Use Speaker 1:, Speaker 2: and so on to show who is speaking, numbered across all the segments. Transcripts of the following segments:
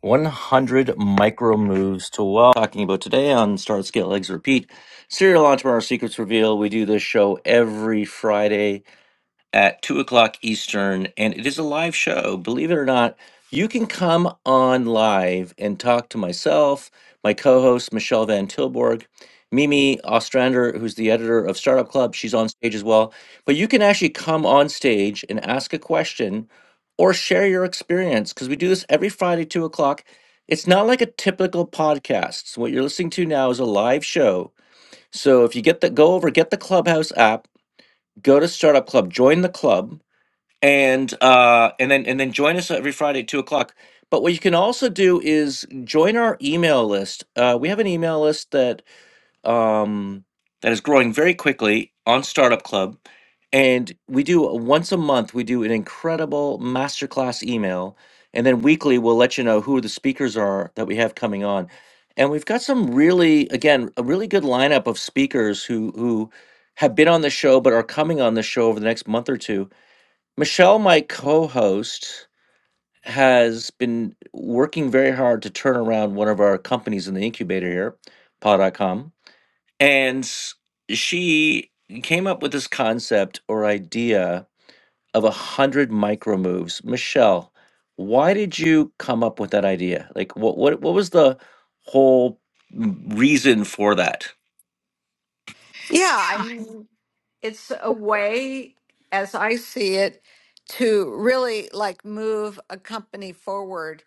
Speaker 1: 100 micro moves to well. Talking about today on Start Scale Eggs Repeat, Serial Entrepreneur Secrets Reveal. We do this show every Friday at two o'clock Eastern, and it is a live show. Believe it or not, you can come on live and talk to myself, my co host, Michelle Van Tilborg, Mimi Ostrander, who's the editor of Startup Club. She's on stage as well. But you can actually come on stage and ask a question or share your experience because we do this every Friday, two o'clock. It's not like a typical podcast. So What you're listening to now is a live show. So if you get the go over, get the Clubhouse app, go to Startup Club, join the club, and uh, and then and then join us every Friday at two o'clock. But what you can also do is join our email list. Uh, we have an email list that um, that is growing very quickly on Startup Club, and we do once a month. We do an incredible masterclass email, and then weekly we'll let you know who the speakers are that we have coming on. And we've got some really, again, a really good lineup of speakers who who have been on the show but are coming on the show over the next month or two Michelle, my co-host, has been working very hard to turn around one of our companies in the incubator here, paw.com. And she came up with this concept or idea of a hundred micro moves. Michelle, why did you come up with that idea? Like what what what was the whole m- reason for that?
Speaker 2: Yeah, I mean, it's a way, as I see it, to really like move a company forward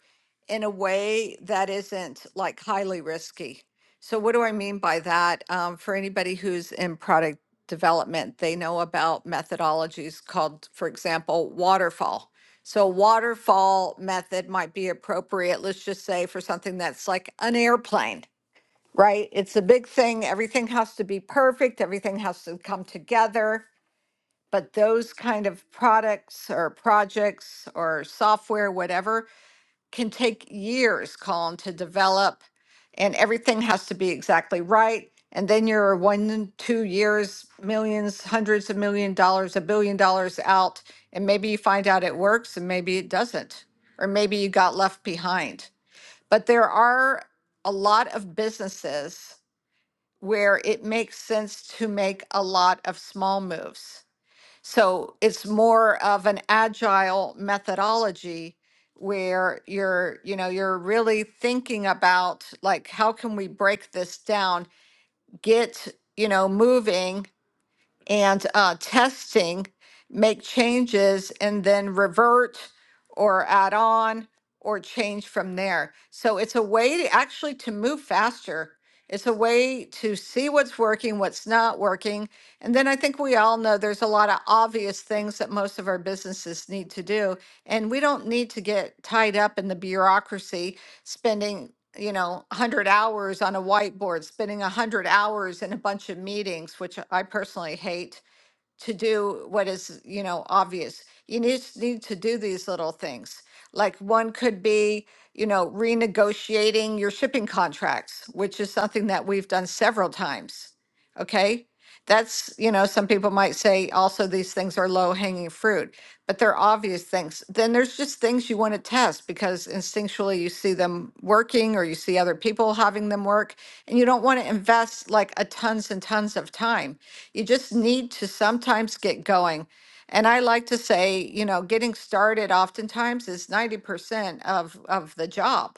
Speaker 2: in a way that isn't like highly risky. So, what do I mean by that? Um, for anybody who's in product development, they know about methodologies called, for example, waterfall. So, a waterfall method might be appropriate, let's just say, for something that's like an airplane right? It's a big thing. Everything has to be perfect, everything has to come together. But those kind of products or projects or software, whatever, can take years, Colin, to develop. And everything has to be exactly right. And then you're one, two years, millions, hundreds of million dollars, a billion dollars out. And maybe you find out it works and maybe it doesn't. Or maybe you got left behind. But there are a lot of businesses where it makes sense to make a lot of small moves. So it's more of an agile methodology where you're, you know, you're really thinking about like how can we break this down, get, you know, moving and uh, testing, make changes, and then revert or add on or change from there. So it's a way to actually to move faster. It's a way to see what's working, what's not working. And then I think we all know there's a lot of obvious things that most of our businesses need to do. And we don't need to get tied up in the bureaucracy spending, you know, 100 hours on a whiteboard, spending 100 hours in a bunch of meetings, which I personally hate to do what is, you know, obvious. You need, need to do these little things. Like one could be, you know, renegotiating your shipping contracts, which is something that we've done several times. Okay. That's, you know, some people might say also these things are low hanging fruit, but they're obvious things. Then there's just things you want to test because instinctually you see them working or you see other people having them work and you don't want to invest like a tons and tons of time you just need to sometimes get going. And I like to say, you know, getting started oftentimes is 90% of, of the job.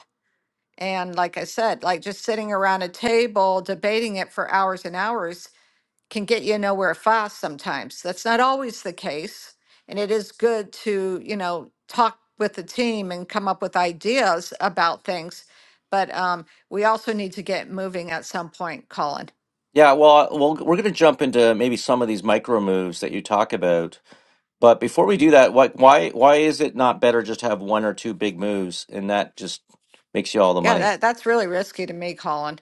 Speaker 2: And like I said, like just sitting around a table debating it for hours and hours can get you nowhere fast sometimes. That's not always the case. And it is good to, you know, talk with the team and come up with ideas about things. But um, we also need to get moving at some point, Colin.
Speaker 1: Yeah, well, well, we're going to jump into maybe some of these micro moves that you talk about But before we do that, why why why is it not better just to have one or two big moves and that just makes you all the
Speaker 2: Yeah,
Speaker 1: money?
Speaker 2: that, that's really risky to me, Colin.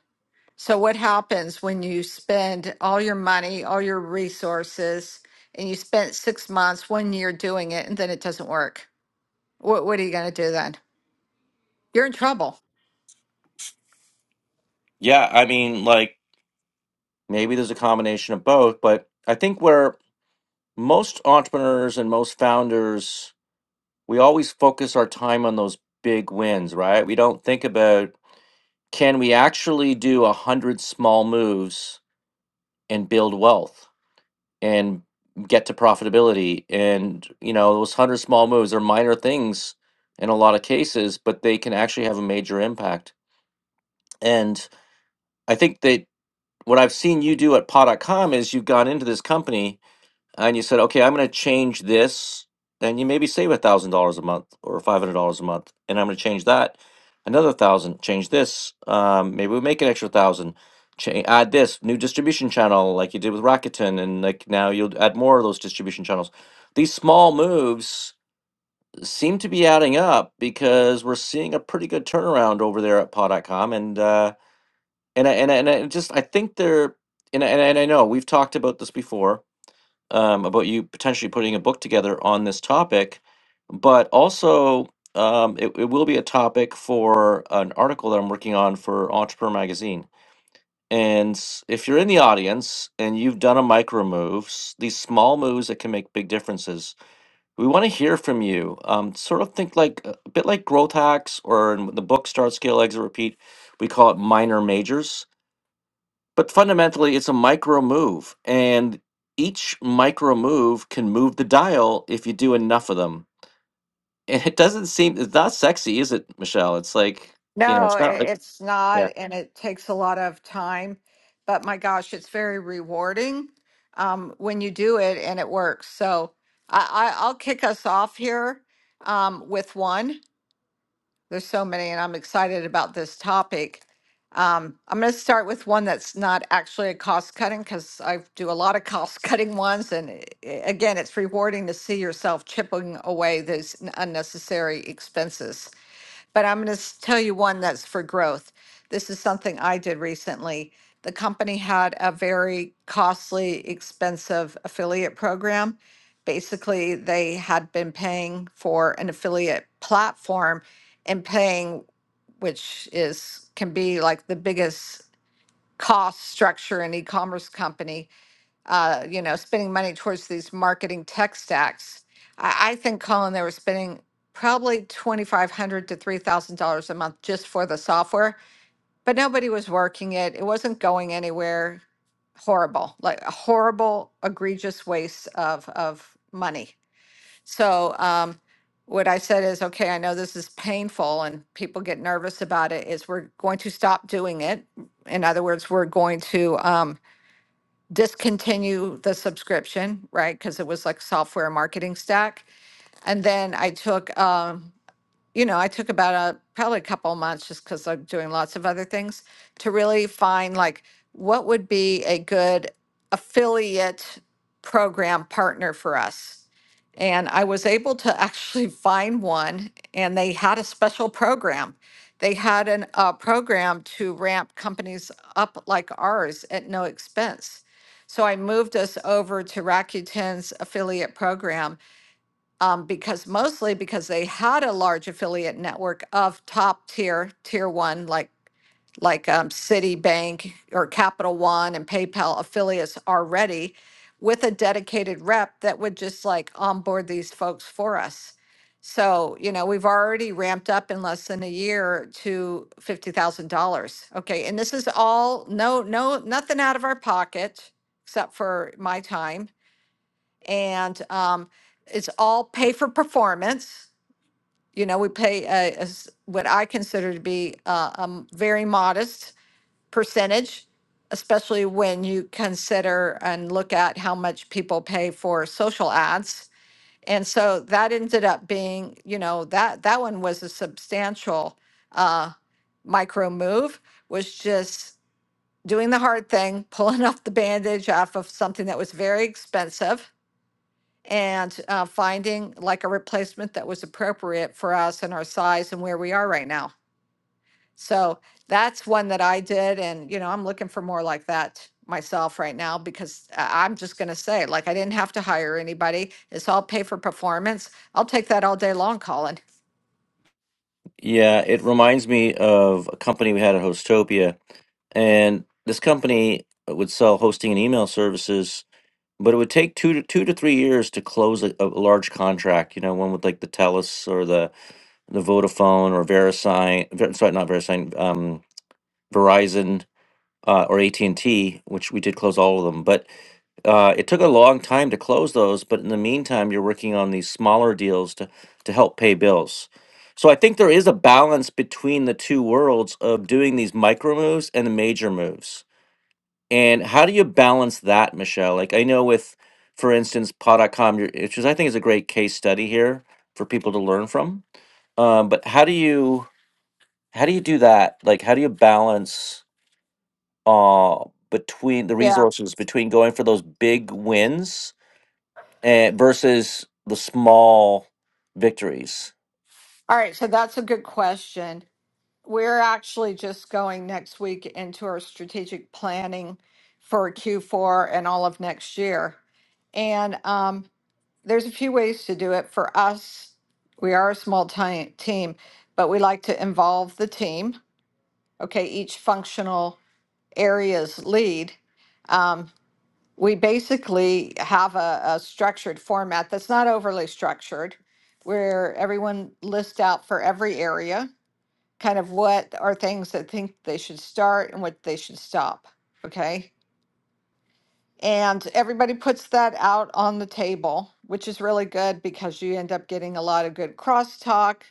Speaker 2: So, what happens when you spend all your money, all your resources, and you spent six months, one year doing it, and then it doesn't work? What, what are you going to do then? You're in trouble.
Speaker 1: Yeah, I mean, like maybe there's a combination of both, but I think where most entrepreneurs and most founders, we always focus our time on those big wins, right? We don't think about can we actually do a hundred small moves and build wealth? and get to profitability. And, you know, those 100 small moves are minor things in a lot of cases, but they can actually have a major impact. And I think that what I've seen you do at Pod.com is you've gone into this company and you said, okay, I'm going to change this, then you maybe save a thousand dollars a month or five hundred dollars a month, and I'm going to change that another thousand. Change this, um, maybe we make an extra thousand. Cha- add this new distribution channel like you did with Rakuten, and like now you'll add more of those distribution channels. These small moves seem to be adding up because we're seeing a pretty good turnaround over there at Paw.com, and uh, and I, and I, and I just I think they're and I, and I and I know we've talked about this before um, about you potentially putting a book together on this topic, but also um, it, it will be a topic for an article that I'm working on for Entrepreneur Magazine. And s- if you're in the audience and you've done a micro moves, these small moves that can make big differences, we want to hear from you. Um, sort of think like a bit like growth hacks, or in the book Start, Scale, Exit, Repeat. We call it minor majors but fundamentally, it's a micro move, and each micro move can move the dial if you do enough of them. And it doesn't seem it's not sexy, is it, Michelle? It's like
Speaker 2: No,
Speaker 1: you know, it's
Speaker 2: i-
Speaker 1: not like
Speaker 2: it's not.
Speaker 1: yeah,
Speaker 2: And it takes a lot of time. But my gosh, it's very rewarding um, when you do it and it works. So, I, I, I'll kick us off here um, with one. There's so many, and I'm excited about this topic. Um, I'm going to start with one that's not actually a cost cutting because I do a lot of cost cutting ones. And i- i- again, it's rewarding to see yourself chipping away those n- unnecessary expenses. But I'm going to tell you one that's for growth. This is something I did recently. The company had a very costly, expensive affiliate program. Basically, they had been paying for an affiliate platform and paying, which is can be like the biggest cost structure in e-commerce company uh, you know, spending money towards these marketing tech stacks. I, I think, Colin, they were spending probably 2500 to $3,000 a month just for the software, but nobody was working it. It wasn't going anywhere. Horrible, like a horrible, egregious waste of, of money. So, um, what I said is, okay, I know this is painful and people get nervous about it, is we're going to stop doing it. In other words, we're going to, um, discontinue the subscription, right? Because it was like software marketing stack. And then I took, um, you know, I took about a probably a couple of months just because I'm doing lots of other things to really find like what would be a good affiliate program partner for us. And I was able to actually find one, and they had a special program. They had an, a program to ramp companies up like ours at no expense. So I moved us over to Rakuten's affiliate program um, because mostly because they had a large affiliate network of top tier, tier one, like like um, Citibank or Capital One and PayPal affiliates already, with a dedicated rep that would just like onboard these folks for us. So, you know, we've already ramped up in less than a year to fifty thousand dollars. Okay, and this is all no, no, nothing out of our pocket except for my time and um, it's all pay for performance. You know, we pay a, a s- what I consider to be a, a m- very modest percentage, especially when you consider and look at how much people pay for social ads. And so that ended up being, you know, that that one was a substantial uh, micro move. Was just doing the hard thing, pulling off the bandage off of something that was very expensive and uh, finding like a replacement that was appropriate for us and our size and where we are right now. So that's one that I did. And, you know, I'm looking for more like that myself right now because I- I'm just going to say, like, I didn't have to hire anybody. It's all pay for performance. I'll take that all day long, Colin.
Speaker 1: yeah. It reminds me of a company we had at Hostopia, and this company would sell hosting and email services, but it would take two to two to three years to close a, a large contract. You know, one with like the Telus or the the Vodafone or Verisign, Ver- sorry, not Verisign, um, Verizon uh, or AT&T, which we did close all of them. But uh, it took a long time to close those. But in the meantime, you're working on these smaller deals to to help pay bills. So I think there is a balance between the two worlds of doing these micro moves and the major moves. And how do you balance that, Michelle? Like I know with, for instance, Pod.com, you're- which is I think is a great case study here for people to learn from. Um, but how do you how do you do that? Like how do you balance? uh between the
Speaker 2: Yeah.
Speaker 1: resources between going for those big wins and versus the small victories.
Speaker 2: All right. So that's a good question. We're actually just going next week into our strategic planning for Q4 and all of next year. And um, there's a few ways to do it. For us, we are a small ti- team, but we like to involve the team. Okay, each functional area's lead. Um, we basically have a, a structured format that's not overly structured, where everyone lists out for every area kind of what are things that think they should start and what they should stop. Okay. And everybody puts that out on the table, which is really good because you end up getting a lot of good crosstalk,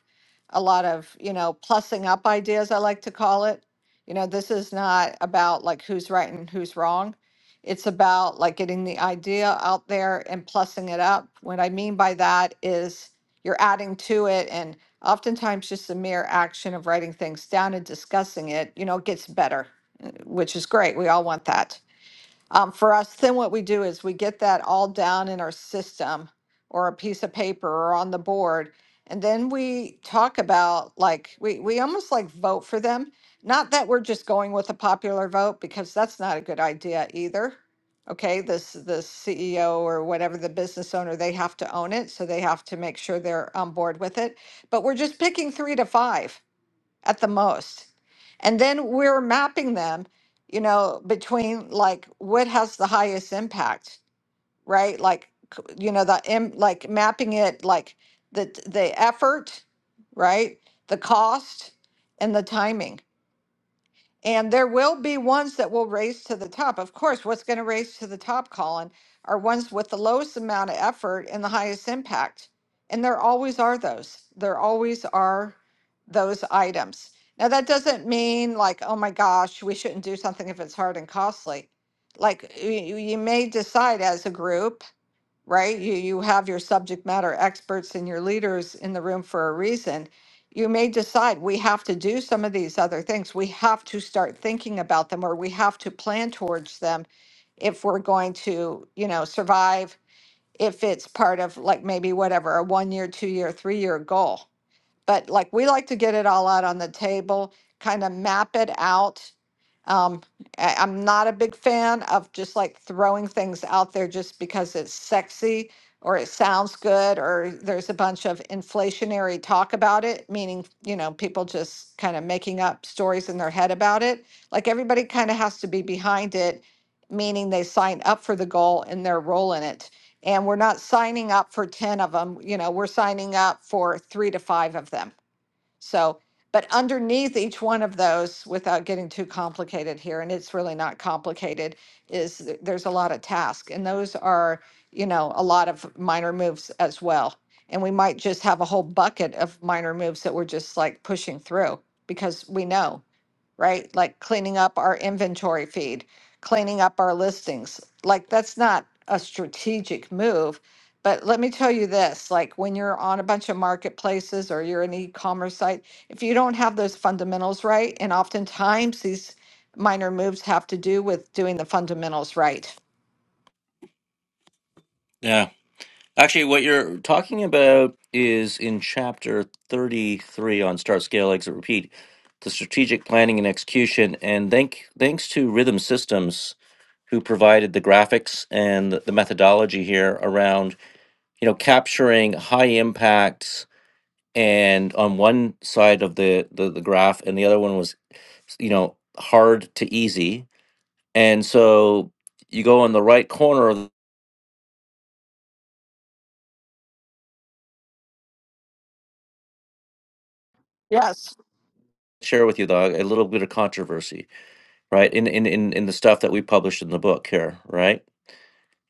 Speaker 2: a lot of, you know, plussing up ideas, I like to call it. You know, this is not about like who's right and who's wrong. It's about like getting the idea out there and plussing it up. What I mean by that is you're adding to it. And oftentimes, just the mere action of writing things down and discussing it, you know, gets better, uh, which is great. We all want that. Um, for us, then what we do is we get that all down in our system or a piece of paper or on the board. And then we talk about like, we, we almost like vote for them. Not that we're just going with a popular vote because that's not a good idea either. Okay, this the CEO or whatever the business owner, they have to own it, so they have to make sure they're on board with it. But we're just picking three to five at the most. And then we're mapping them, you know, between like what has the highest impact, right? Like, c- you know, the im- like mapping it like the the effort, right? The cost and the timing and there will be ones that will raise to the top. Of course, what's going to raise to the top, Colin, are ones with the lowest amount of effort and the highest impact. And there always are those. There always are those items. Now, that doesn't mean like, oh my gosh, we shouldn't do something if it's hard and costly. Like, you, you may decide as a group right? You, you have your subject matter experts and your leaders in the room for a reason. You may decide we have to do some of these other things. We have to start thinking about them or we have to plan towards them if we're going to, you know, survive, if it's part of like maybe whatever, a one year, two year, three year goal. But like we like to get it all out on the table, kind of map it out. Um, I, I'm not a big fan of just like throwing things out there just because it's sexy or it sounds good or there's a bunch of inflationary talk about it, meaning, you know, people just kind of making up stories in their head about it. Like everybody kind of has to be behind it meaning they sign up for the goal and their role in it and we're not signing up for 10 of them, you know, we're signing up for three to five of them. So, but underneath each one of those, without getting too complicated here, and it's really not complicated, is th- there's a lot of tasks. And those are, you know, a lot of minor moves as well. And we might just have a whole bucket of minor moves that we're just like pushing through because we know right? Like cleaning up our inventory feed, cleaning up our listings. Like that's not a strategic move. But let me tell you this, like when you're on a bunch of marketplaces or you're an e-commerce site, if you don't have those fundamentals right, and oftentimes these minor moves have to do with doing the fundamentals right.
Speaker 1: Yeah. Actually, what you're talking about is in chapter 33 on Start, Scale, Exit, Repeat, the strategic planning and execution. And thank, thanks to Rhythm Systems, who provided the graphics and the methodology here around, you know, capturing high impacts and on one side of the, the, the graph and the other one was you know, hard to easy. And so you go in the right corner of the
Speaker 2: Yes.
Speaker 1: share with you dog a little bit of controversy, right? In in in, in the stuff that we published in the book here, right?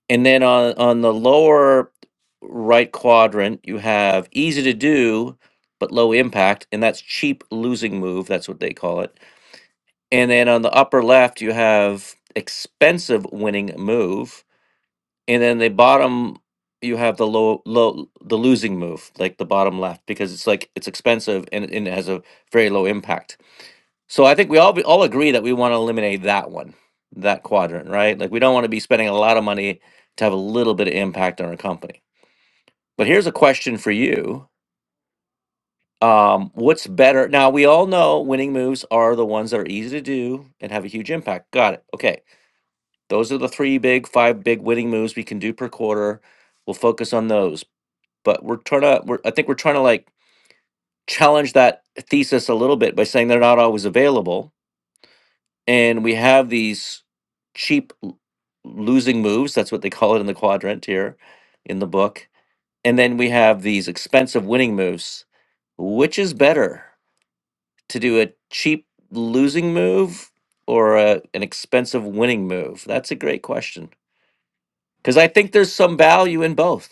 Speaker 1: And then on on the lower right quadrant, you have easy to do but low impact, and that's cheap losing move, that's what they call it. And then on the upper left, you have expensive winning move and then the bottom you have the low low the losing move like the bottom left because it's like it's expensive and, and it has a very low impact so i think we all be- all agree that we want to eliminate that one that quadrant right like we don't want to be spending a lot of money to have a little bit of impact on our company but here's a question for you um, what's better now we all know winning moves are the ones that are easy to do and have a huge impact got it okay those are the three big five big winning moves we can do per quarter we'll focus on those but we're trying to we're, i think we're trying to like challenge that thesis a little bit by saying they're not always available and we have these cheap l- losing moves that's what they call it in the quadrant here in the book and then we have these expensive winning moves which is better to do a cheap losing move or a, an expensive winning move that's a great question because i think there's some value in both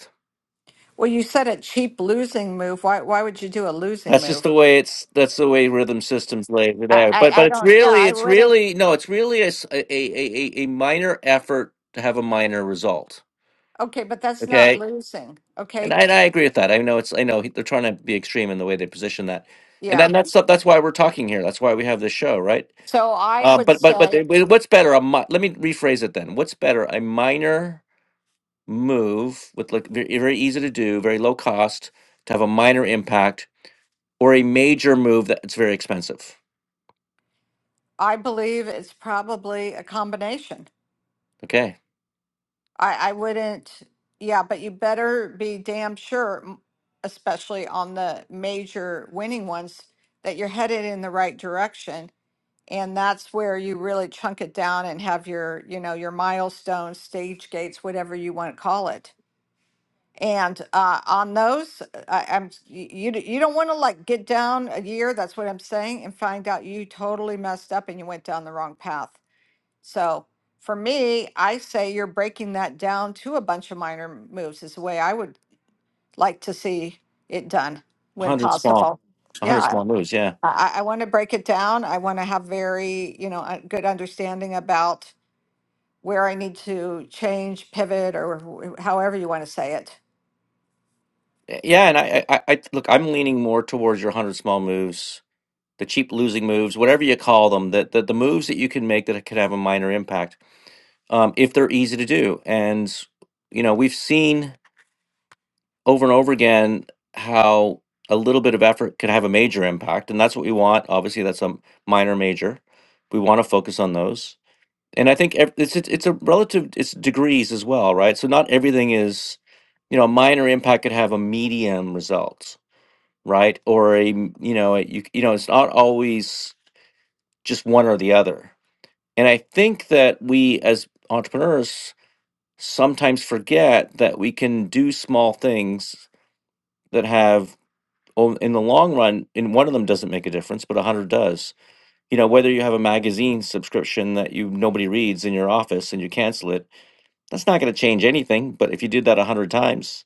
Speaker 2: Well, you said a cheap losing move. Why why would you do a losing
Speaker 1: That's just the
Speaker 2: move?
Speaker 1: way it's. That's the way rhythm systems lay it
Speaker 2: I,
Speaker 1: out.
Speaker 2: I,
Speaker 1: But
Speaker 2: I
Speaker 1: but it's
Speaker 2: don't yeah,
Speaker 1: really
Speaker 2: I
Speaker 1: it's
Speaker 2: wouldn't.
Speaker 1: really no it's really a s- a a, a a minor effort to have a minor result.
Speaker 2: Okay, but that's not
Speaker 1: Okay,
Speaker 2: losing.
Speaker 1: and
Speaker 2: Okay.
Speaker 1: I, and I agree with that. I know it's I know they're trying to be extreme in the way they position that, and
Speaker 2: Yeah.
Speaker 1: then that's that's why we're talking here. That's why we have this show, right?
Speaker 2: So I
Speaker 1: Uh,
Speaker 2: would
Speaker 1: but but but
Speaker 2: say
Speaker 1: it- what's better? A mi- let me rephrase it then. What's better? A minor move with like very, very easy to do, very low cost to have a minor impact, or a major move that's very expensive.
Speaker 2: I believe it's probably a combination.
Speaker 1: Okay
Speaker 2: I, I wouldn't, yeah, but you better be damn sure, m- especially on the major winning ones, that you're headed in the right direction. And that's where you really chunk it down and have your, you know, your milestones, stage gates, whatever you want to call it. And uh, on those, I, I'm s- you you don't want to like get down a year. That's what I'm saying, and find out you totally messed up and you went down the wrong path. So for me, I say you're breaking that down to a bunch of minor m- moves is the way I would like to see it done when
Speaker 1: 100 small
Speaker 2: possible. Yeah,
Speaker 1: 100
Speaker 2: I,
Speaker 1: small moves yeah
Speaker 2: I I want to break it down. I want to have very you know a good understanding about where I need to change, pivot, or wh- however you want to say it
Speaker 1: yeah and I, I i look i'm leaning more towards your 100 small moves the cheap losing moves whatever you call them that the, the moves that you can make that can have a minor impact um, if they're easy to do and you know we've seen over and over again how a little bit of effort could have a major impact and that's what we want obviously that's a minor major we want to focus on those and I think ev- it's it's it's a relative it's degrees as well, right? So not everything is, you know, a minor impact could have a medium result, right? Or a m- you know a- you you know it's not always just one or the other. And I think that we as entrepreneurs sometimes forget that we can do small things that have o- in the long run in one of them doesn't make a difference but a hundred does you know whether you have a magazine subscription that you nobody reads in your office and you cancel it That's not going to change anything. But if you did that a hundred times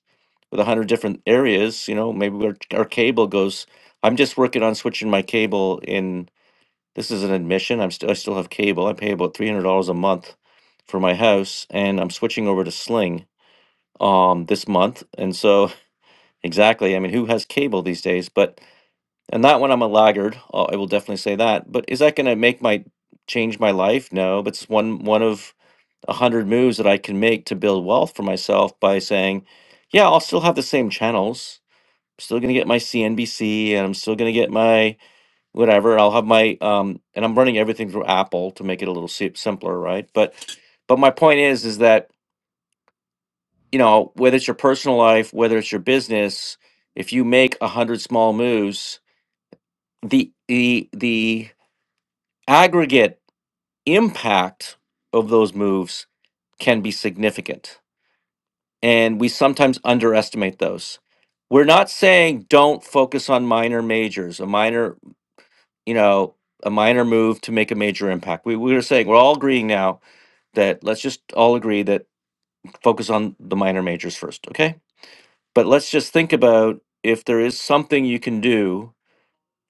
Speaker 1: with a hundred different areas, you know, maybe our, our cable goes. I'm just working on switching my cable. In this is an admission. I'm still I still have cable. I pay about three hundred dollars a month for my house, and I'm switching over to Sling um this month. And so exactly, I mean, who has cable these days? But and that one, I'm a laggard. uh, I will definitely say that. But is that going to make my change my life? No, but it's one one of a hundred moves that I can make to build wealth for myself by saying, yeah, I'll still have the same channels. I'm still gonna get my CNBC and I'm still gonna get my whatever. I'll have my um, and I'm running everything through Apple to make it a little si- simpler, right? But but my point is is that you know whether it's your personal life, whether it's your business, if you make a hundred small moves, the the the aggregate impact of those moves can be significant and we sometimes underestimate those. We're not saying don't focus on minor majors, a minor, you know, a minor move to make a major impact. We we were saying we're all agreeing now that let's just all agree that focus on the minor majors first, okay? But let's just think about if there is something you can do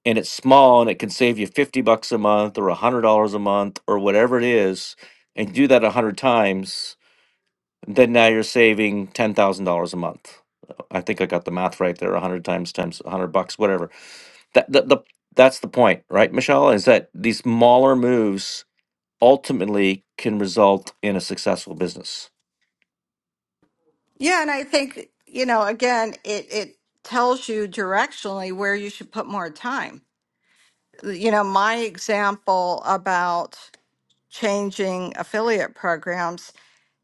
Speaker 1: and it's small and it can save you 50 bucks a month or $100 a month or whatever it is and do that 100 times then now you're saving ten thousand dollars a month. I think I got the math right there. A hundred times times a hundred bucks, whatever. That the, the that's the point, right, Michelle? Is that these smaller moves ultimately can result in a successful business.
Speaker 2: Yeah, and I think, you know, again, it it tells you directionally where you should put more time. You know, my example about changing affiliate programs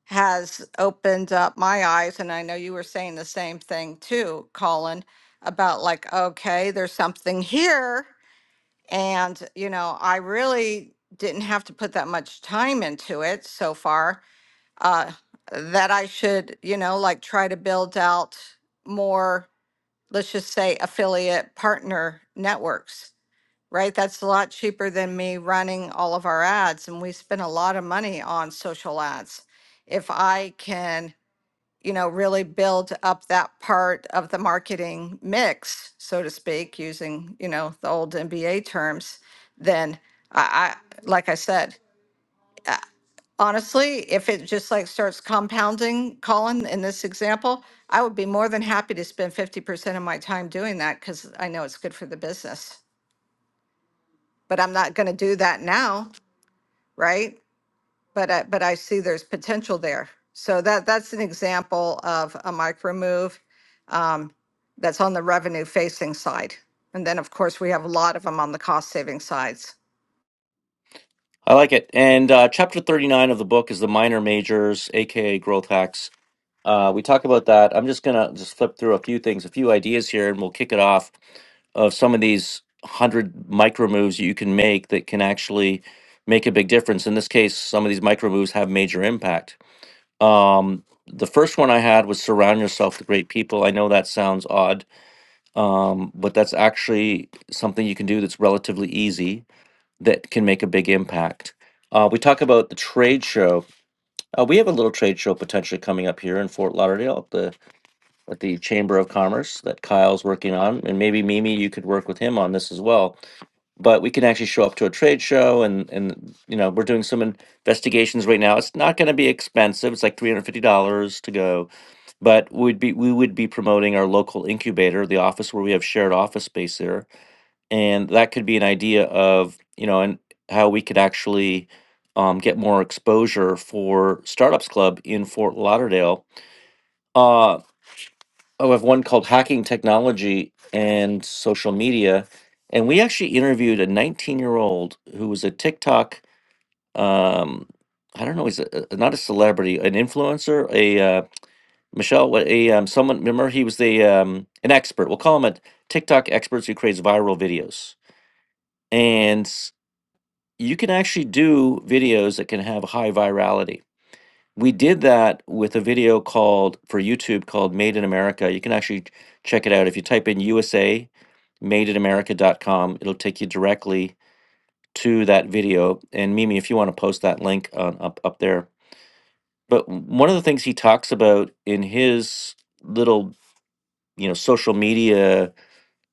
Speaker 2: has opened up my eyes, and I know you were saying the same thing too, Colin, about like, okay, there's something here, and you know, I really didn't have to put that much time into it so far uh, that I should, you know, like try to build out more, let's just say affiliate partner networks, right? That's a lot cheaper than me running all of our ads. And we spend a lot of money on social ads. If I can, you know, really build up that part of the marketing mix, so to speak, using, you know, the old MBA terms, then I, I like I said, I Honestly, if it just like starts compounding, Colin, in this example, I would be more than happy to spend fifty percent of my time doing that because I know it's good for the business. But I'm not going to do that now, right? But I, but I see there's potential there. So that that's an example of a micro move um, that's on the revenue facing side, and then of course we have a lot of them on the cost saving sides.
Speaker 1: I like it. And uh, chapter thirty nine of the book is the minor majors, aka growth hacks. Uh, we talk about that. I'm just gonna just flip through a few things, a few ideas here, and we'll kick it off. of some of these hundred micro moves you can make that can actually make a big difference. In this case, some of these micro moves have major impact. Um, the first one I had was surround yourself with great people. I know that sounds odd, um, but that's actually something you can do that's relatively easy that can make a big impact. Uh, we talk about the trade show. Uh, we have a little trade show potentially coming up here in Fort Lauderdale at the at the Chamber of Commerce that Kyle's working on, and maybe Mimi, you could work with him on this as well but we can actually show up to a trade show and and you know we're doing some investigations right now it's not going to be expensive it's like $350 to go but we'd be we would be promoting our local incubator the office where we have shared office space there and that could be an idea of you know and how we could actually um, get more exposure for startups club in fort lauderdale Uh, Oh, I have one called Hacking Technology and Social Media. And we actually interviewed a 19 year old who was a TikTok, um, I don't know, he's a, a- not a celebrity, an influencer, a uh, Michelle, what- a um, someone, remember he was the um, an expert. We'll call him a TikTok expert who creates viral videos. And s- you can actually do videos that can have high virality we did that with a video called for YouTube called Made in America. You can actually ch- check it out. If you type in USA madeinamerica.com, it'll take you directly to that video. And Mimi, if you want to post that link on, up up there. But w- one of the things he talks about in his little, you know, social media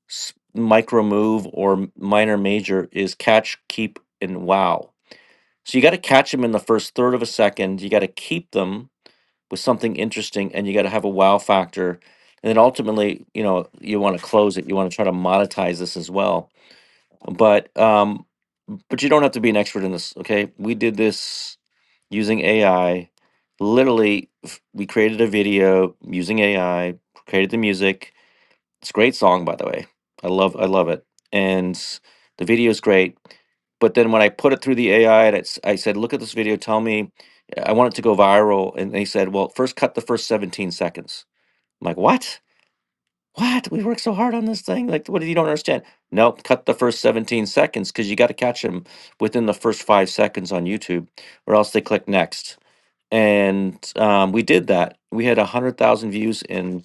Speaker 1: s- micro move or m- minor major is catch, keep, and wow. So you got to catch them in the first third of a second. You got to keep them with something interesting and you got to have a wow factor and then ultimately you know you want to close it you want to try to monetize this as well but um but you don't have to be an expert in this okay we did this using ai literally f- we created a video using ai created the music it's a great song, by the way. I love I love it, and the video is great. But then when I put it through the AI and it's, I said, "Look at this video. Tell me, I want it to go viral." And they said, "Well, first cut the first 17 seconds." I'm like, "What? What? We worked so hard on this thing. Like, what? You don't understand? No, cut the first 17 seconds because you got to catch them within the first five seconds on YouTube, or else they click next." And um, we did that. We had 100,000 views in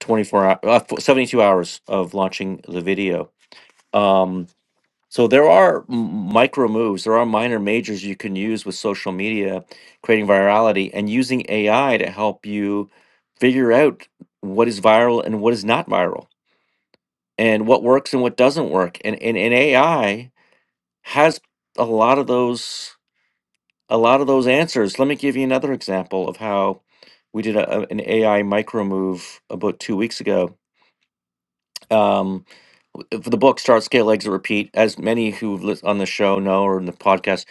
Speaker 1: 24 hours, uh, 72 hours of launching the video. Um, so there are m- micro moves, there are minor majors you can use with social media, creating virality and using AI to help you figure out what is viral and what is not viral and what works and what doesn't work. And, and, and AI has a lot of those, a lot of those answers. Let me give you another example of how we did a, a- an AI micro move about two weeks ago. Um, if the book Start Scale Exit Repeat, as many who lis- on the show know or in the podcast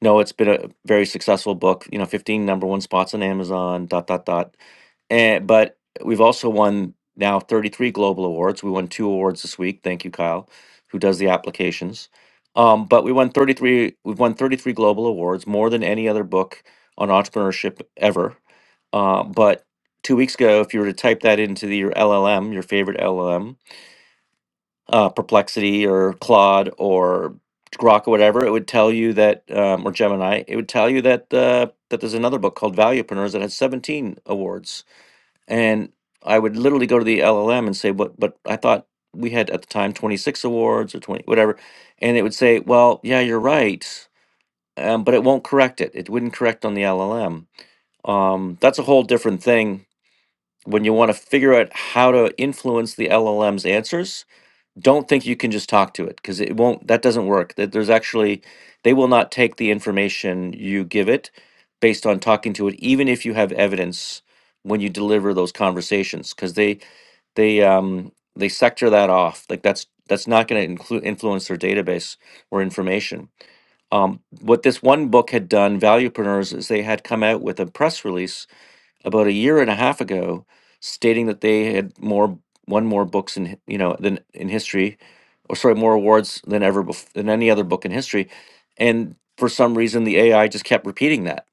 Speaker 1: know, it's been a very successful book. You know, fifteen number one spots on Amazon. Dot dot dot. And but we've also won now thirty three global awards. We won two awards this week. Thank you, Kyle, who does the applications. Um, but we won thirty three. We've won thirty three global awards, more than any other book on entrepreneurship ever. Uh, but two weeks ago, if you were to type that into the, your LLM, your favorite LLM uh, Perplexity or Claude or Grok or whatever, it would tell you that, um, or Gemini, it would tell you that uh, that there's another book called Valuepreneurs that has 17 awards. And I would literally go to the LLM and say, "What? But I thought we had at the time 26 awards or 20 whatever," and it would say, "Well, yeah, you're right." Um, but it won't correct it. It wouldn't correct on the LLM. Um, that's a whole different thing when you want to figure out how to influence the LLM's answers don't think you can just talk to it because it won't that doesn't work that there's actually they will not take the information you give it based on talking to it even if you have evidence when you deliver those conversations because they they um they sector that off like that's that's not going to include influence their database or information um, what this one book had done valuepreneurs is they had come out with a press release about a year and a half ago stating that they had more one more books in hi- you know than in history or sorry, more awards than ever bef- than any other book in history. And for some reason, the AI just kept repeating that.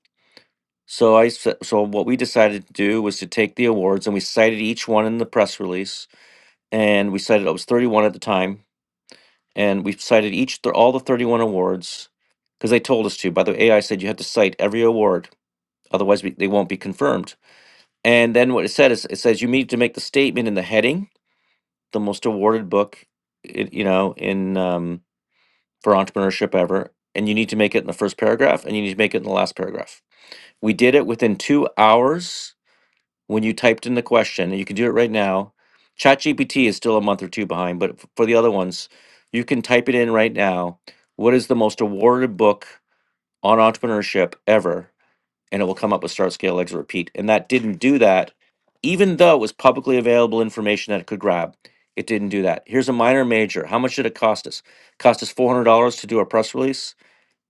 Speaker 1: So I s- so what we decided to do was to take the awards and we cited each one in the press release, and we cited it was thirty one at the time, and we cited each th- all the thirty one awards because they told us to. By the way, AI said you had to cite every award, otherwise we, they won't be confirmed. And then what it said is it says you need to make the statement in the heading, the most awarded book, it you know, in um, for entrepreneurship ever. And you need to make it in the first paragraph and you need to make it in the last paragraph. We did it within two hours when you typed in the question, and you can do it right now. ChatGPT is still a month or two behind, but f- for the other ones, you can type it in right now. What is the most awarded book on entrepreneurship ever? And it will come up with Start, Scale, Exit, Repeat. And that didn't do that, even though it was publicly available information that it could grab. It didn't do that. Here's a minor major. How much did it cost us? Cost us $400 to do a press release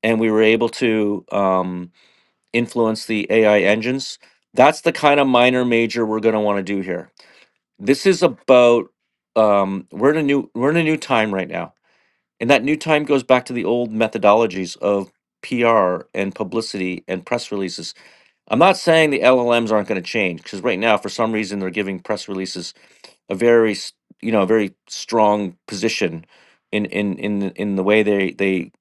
Speaker 1: and we were able to um, influence the AI engines. That's the kind of minor major we're going to want to do here. This is about um, we're in a new we're in a new time right now, and that new time goes back to the old methodologies of PR and publicity and press releases. I'm not saying the LLMs aren't going to change because right now, for some reason, they're giving press releases a very s- you know a very strong position in in in the- in the way they they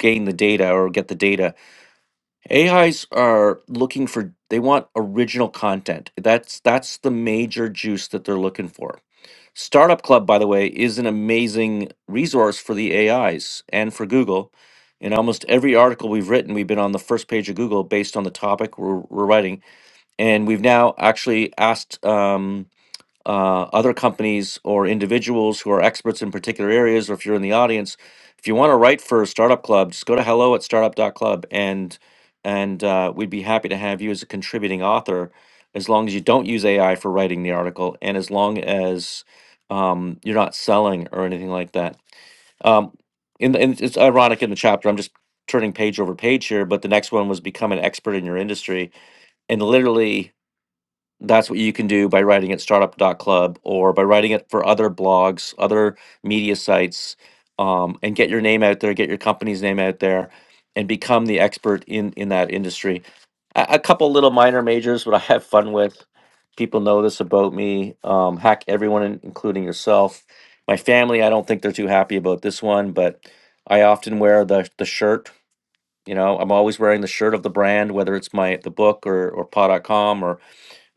Speaker 1: gain the data or get the data AIs are looking for they want original content. That's that's the major juice that they're looking for. Startup Club by the way is an amazing resource for the AIs and for Google. In almost every article we've written, we've been on the first page of Google based on the topic we're, we're writing, and we've now actually asked um, uh, other companies or individuals who are experts in particular areas, or if you're in the audience, if you want to write for Startup Club, just go to hello at startup.club and and uh, we'd be happy to have you as a contributing author as long as you don't use AI for writing the article and as long as um, you're not selling or anything like that. Um, in the, and it's ironic in the chapter, I'm just turning page over page here, but the next one was become an expert in your industry. And literally, that's what you can do by writing at Startup dot Club or by writing it for other blogs, other media sites, um, and get your name out there, get your company's name out there, and become the expert in in that industry. A, a couple little minor majors, what I have fun with. People know this about me. Um, hack everyone, in- including yourself. My family, I don't think they're too happy about this one, but I often wear the the shirt. You know, I'm always wearing the shirt of the brand, whether it's my the book or or paw.com or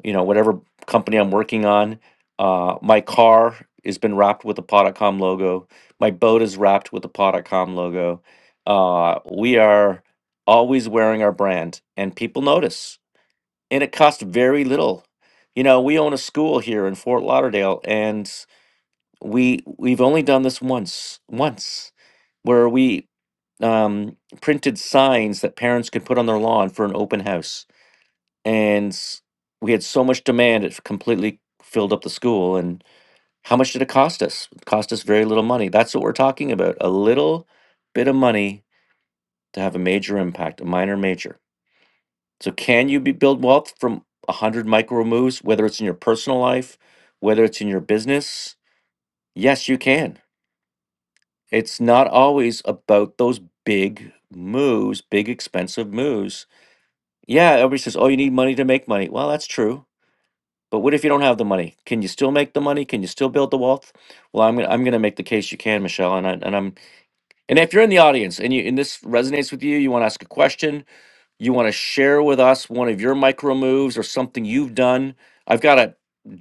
Speaker 1: you know, whatever company I'm working on. Uh, my car has been wrapped with a pod dot com logo. My boat is wrapped with a pod dot com logo. Uh, we are always wearing our brand, and people notice. And it costs very little. You know, we own a school here in Fort Lauderdale, and we we've only done this once, once, where we um, printed signs that parents could put on their lawn for an open house and s- we had so much demand it completely filled up the school and how much did it cost us it cost us very little money that's what we're talking about a little bit of money to have a major impact a minor major so can you be, build wealth from 100 micro moves whether it's in your personal life whether it's in your business yes you can it's not always about those big moves big expensive moves yeah everybody says oh you need money to make money well that's true But what if you don't have the money? Can you still make the money? Can you still build the wealth? Well, I'm gonna, I'm going to make the case you can, Michelle. And I, and I'm and if you're in the audience and you and this resonates with you, you want to ask a question, you want to share with us one of your micro moves or something you've done. I've got a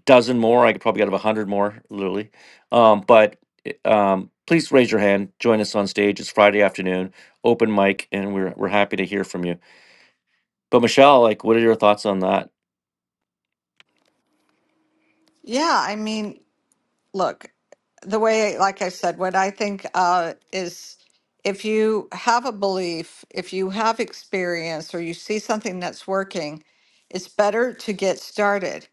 Speaker 1: dozen more. I could probably get a hundred more, literally. Um, but i- um, please raise your hand. Join us on stage. It's Friday afternoon, open mic, and we're we're happy to hear from you. But Michelle, like, what are your thoughts on that?
Speaker 2: Yeah, I mean, look, the way, like I said, what I think uh, is if you have a belief, if you have experience, or you see something that's working, it's better to get started.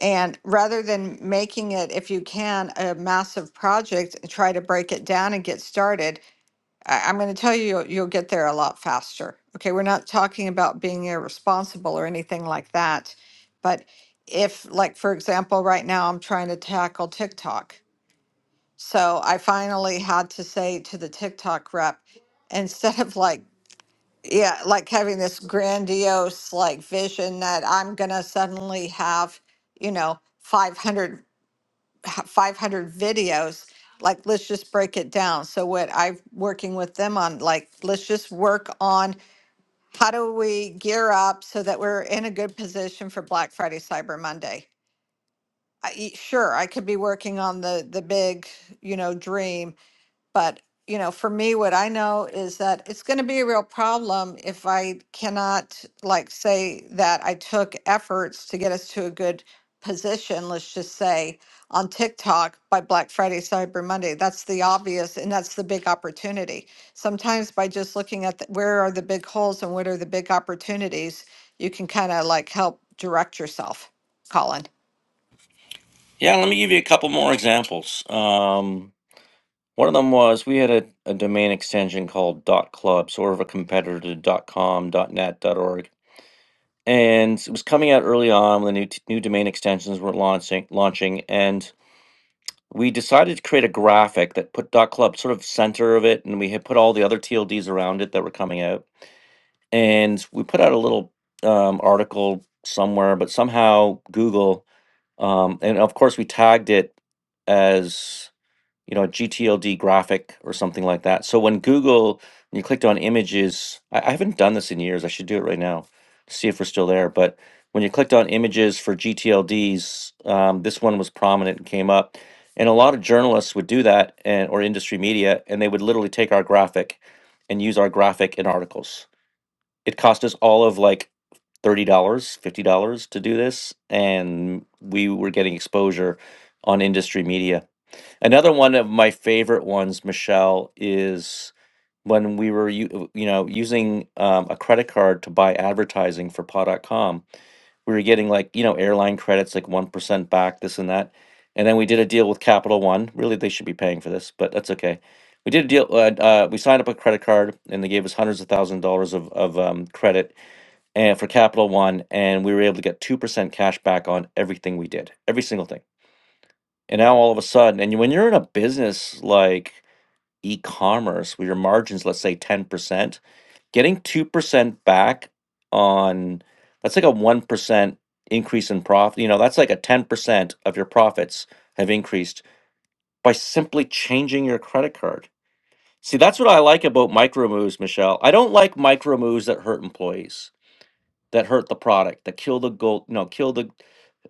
Speaker 2: And rather than making it, if you can, a massive project, and try to break it down and get started. I, I'm going to tell you, you'll you'll get there a lot faster. Okay, we're not talking about being irresponsible or anything like that. But if, like, for example, right now I'm trying to tackle TikTok so I finally had to say to the TikTok rep, instead of like, yeah, like having this grandiose like vision that I'm gonna suddenly have, you know, 500, h- 500 videos, like let's just break it down. So what I'm working with them on, like, let's just work on how do we gear up so that we're in a good position for Black Friday, Cyber Monday. I, e- sure, I could be working on the the big, you know, dream but, you know, for me, what I know is that it's going to be a real problem if I cannot, like, say that I took efforts to get us to a good position, let's just say, on TikTok by Black Friday, Cyber Monday. That's the obvious and that's the big opportunity. Sometimes by just looking at the, where are the big holes and what are the big opportunities, you can kind of like help direct yourself, Colin.
Speaker 1: Yeah, let me give you a couple more examples. Um, One of them was we had a, a domain extension called .club, sort of a competitor to .com, .net, .org. And it was coming out early on when the new, t- new domain extensions were launching, launching. And we decided to create a graphic that put .club sort of center of it. And we had put all the other TLDs around it that were coming out. And we put out a little um, article somewhere, but somehow Google, um, and of course we tagged it as you know, a GTLD graphic or something like that. So when Google, when you clicked on images, I, I haven't done this in years. I should do it right now to see if we're still there. But when you clicked on images for GTLDs, um, this one was prominent and came up. And a lot of journalists would do that and or industry media, and they would literally take our graphic and use our graphic in articles. It cost us all of like $30, dollars, $50 to do this, and we were getting exposure on industry media Another one of my favorite ones, Michelle, is when we were you, you know using um, a credit card to buy advertising for paw dot com. We were getting like you know airline credits like 1% back this and that. And then we did a deal with Capital One. Really they should be paying for this, but that's okay. We did a deal uh, uh, we signed up a credit card and they gave us hundreds of thousand dollars of of um, credit and for Capital One and we were able to get 2% cash back on everything we did. Every single thing. And now all of a sudden, and when you're in a business like e-commerce where your margins, let's say 10%, getting 2% back on that's like a 1% increase in profit. You know, that's like a 10% of your profits have increased by simply changing your credit card. See, that's what I like about micro moves, Michelle. I don't like micro moves that hurt employees that hurt the product, that kill the gold, no, kill the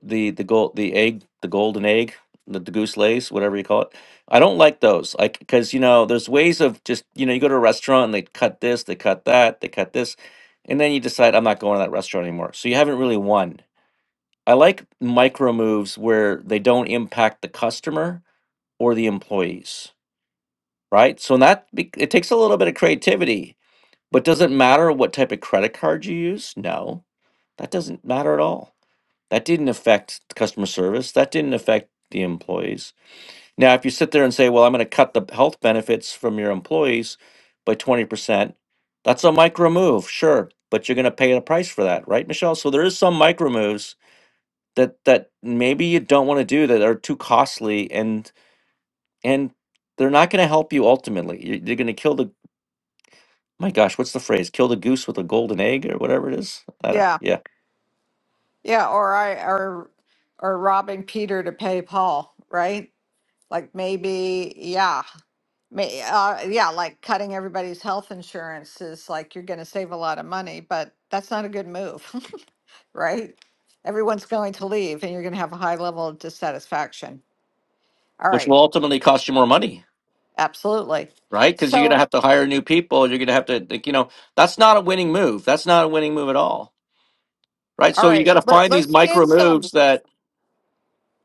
Speaker 1: the the gold the egg the golden egg the, the goose lays whatever you call it i don't like those like because you know there's ways of just you know you go to a restaurant and they cut this they cut that they cut this and then you decide i'm not going to that restaurant anymore so you haven't really won i like micro moves where they don't impact the customer or the employees right so that be- it takes a little bit of creativity but does it matter what type of credit card you use no that doesn't matter at all that didn't affect customer service. That didn't affect the employees. Now, if you sit there and say, well, I'm going to cut the health benefits from your employees by 20%, that's a micro move, sure, but you're going to pay a price for that, right, Michelle? So there is some micro moves that that maybe you don't want to do that are too costly and and they're not going to help you ultimately. You're, you're going to kill the my gosh, what's the phrase? Kill the goose with a golden egg or whatever it is. I don't,
Speaker 2: Yeah.
Speaker 1: yeah,
Speaker 2: Yeah. Or I, or, or robbing Peter to pay Paul, right? Like maybe, yeah, may, uh, yeah, like cutting everybody's health insurance is like you're going to save a lot of money, but that's not a good move, right? Everyone's going to leave and you're going to have a high level of dissatisfaction. All
Speaker 1: which
Speaker 2: right,
Speaker 1: will ultimately cost you more money.
Speaker 2: absolutely.
Speaker 1: right? Because you're going to
Speaker 2: So,
Speaker 1: have to hire new people. You're going to have to, like, you know, that's not a winning move. That's not a winning move at all, right?
Speaker 2: all
Speaker 1: So you got
Speaker 2: right,
Speaker 1: to
Speaker 2: let,
Speaker 1: find these
Speaker 2: let's get
Speaker 1: micro
Speaker 2: some
Speaker 1: moves that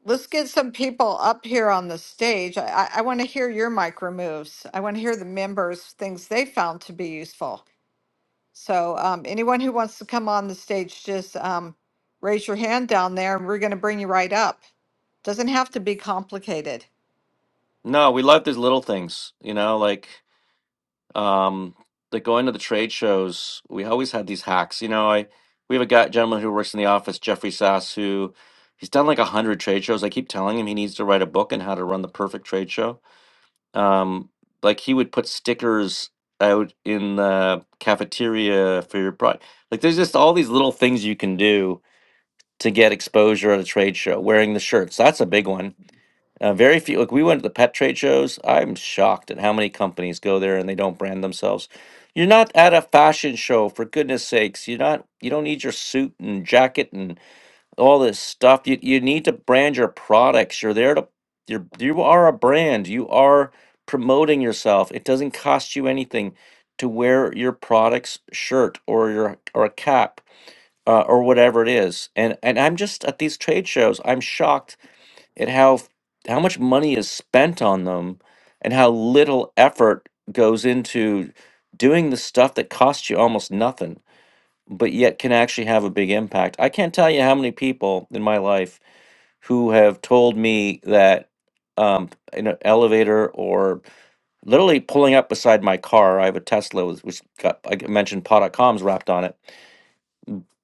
Speaker 2: let's get some people up here on the stage. I, I, I want to hear your micro moves. I want to hear the members things they found to be useful. So um, anyone who wants to come on the stage, just um, raise your hand down there and we're going to bring you right up. Doesn't have to be complicated.
Speaker 1: no, we love these little things, you know, like um, like going to the trade shows. We always had these hacks, you know. I we have a guy gentleman who works in the office, Jeffrey Sass, who he's done like a hundred trade shows. I keep telling him he needs to write a book on how to run the perfect trade show um like he would put stickers out in the cafeteria for your product like there's just all these little things you can do to get exposure at a trade show wearing the shirts that's a big one uh, very few like we went to the pet trade shows i'm shocked at how many companies go there and they don't brand themselves you're not at a fashion show for goodness sakes you're not you don't need your suit and jacket and all this stuff. You you need to brand your products. You're there to you're you are a brand. You are promoting yourself. It doesn't cost you anything to wear your product's shirt or your or a cap uh, or whatever it is. And and I'm just at these trade shows. I'm shocked at how f- how much money is spent on them and how little effort goes into doing the stuff that costs you almost nothing but yet can actually have a big impact. I can't tell you how many people in my life who have told me that um, in an elevator or literally pulling up beside my car. I have a Tesla, with- which got I mentioned pot dot coms wrapped on it,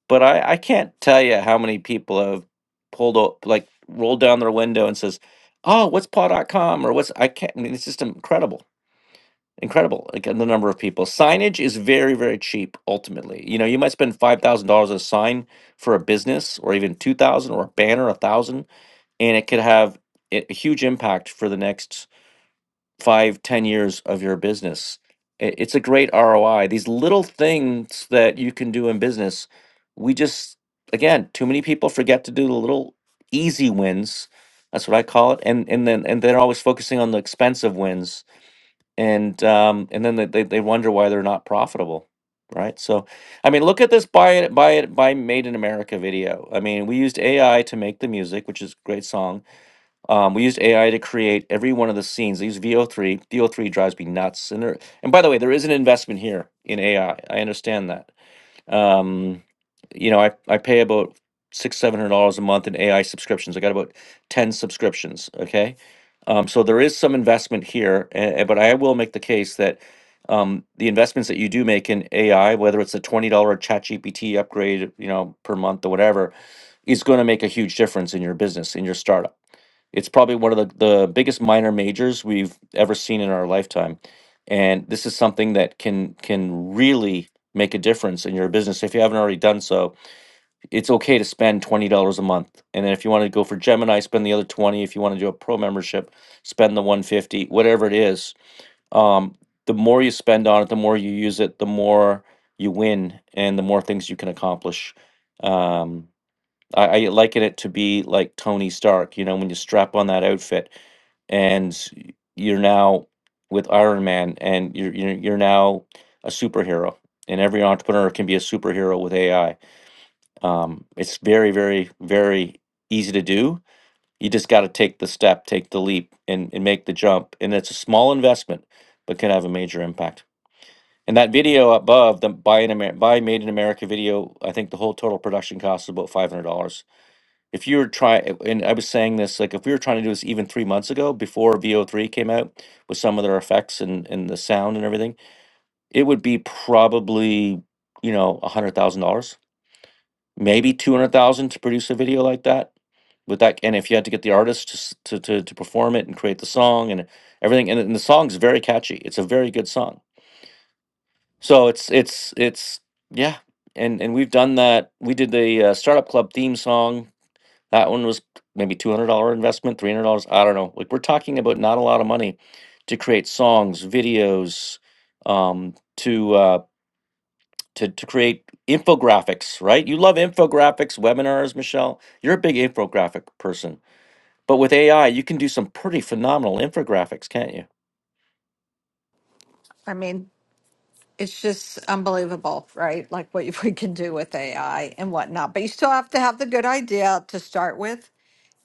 Speaker 1: but I, I can't tell you how many people have pulled up, like rolled down their window and says, "Oh, what's pot dot com or "What's I can't." I mean, it's just incredible incredible again the number of people signage is very very cheap ultimately you know you might spend $5000 on a sign for a business or even 2000 or a banner a thousand and it could have a a huge impact for the next five ten years of your business I- it's a great roi these little things that you can do in business we just again too many people forget to do the little easy wins that's what i call it and and then and they're always focusing on the expensive wins and um, and then they, they they wonder why they're not profitable, right? So, I mean, look at this buy it buy it buy made in America video. I mean, we used AI to make the music, which is a great song. Um, we used AI to create every one of the scenes. They use VO3 VO3 drives me nuts, and there and by the way, there is an investment here in AI. I I understand that um, you know, I, I pay about six, seven hundred dollars a month in AI subscriptions. I got about ten subscriptions. Okay, um, so there is some investment here, a- but I will make the case that um, the investments that you do make in AI, whether it's a twenty dollar ChatGPT upgrade, you know, per month or whatever, is going to make a huge difference in your business in your startup it's probably one of the, the biggest minor majors we've ever seen in our lifetime. And this is something that can can really make a difference in your business if you haven't already done so. It's okay to spend $20 a month. And then if you want to go for Gemini, spend the other 20. If you want to do a pro membership, spend the 150, whatever it is. Um, the more you spend on it, the more you use it, the more you win and the more things you can accomplish. Um, I, I liken it to be like Tony Stark, you know, when you strap on that outfit and you're now with Iron Man, and you're you're, you're now a superhero. And every entrepreneur can be a superhero with AI. Um, it's very, very, very easy to do. You just got to take the step, take the leap, and, and make the jump. And it's a small investment, but can have a major impact. And that video above, the buy in Amer- buy made in America video, I think the whole total production cost is about $500 if you were trying, and I was saying this, like if we were trying to do this even three months ago before VO3 came out with some of their effects and, and the sound and everything, it would be probably, you know, a hundred thousand dollars, maybe 200,000 to produce a video like that with that. And if you had to get the artist to, s- to, to, to perform it and create the song and everything. And, and the song's very catchy. It's a very good song. So it's, it's, it's, yeah. And, and we've done that. We did the uh, startup club theme song That one was maybe two hundred dollar investment, three hundred dollars. I don't know. Like we're talking about not a lot of money to create songs, videos, um, to uh, to to create infographics. Right? You love infographics, webinars, Michelle. You're a big infographic person. But with AI, you can do some pretty phenomenal infographics, can't you?
Speaker 2: I mean, it's just unbelievable, right? Like what you- we can do with AI and whatnot. But you still have to have the good idea to start with.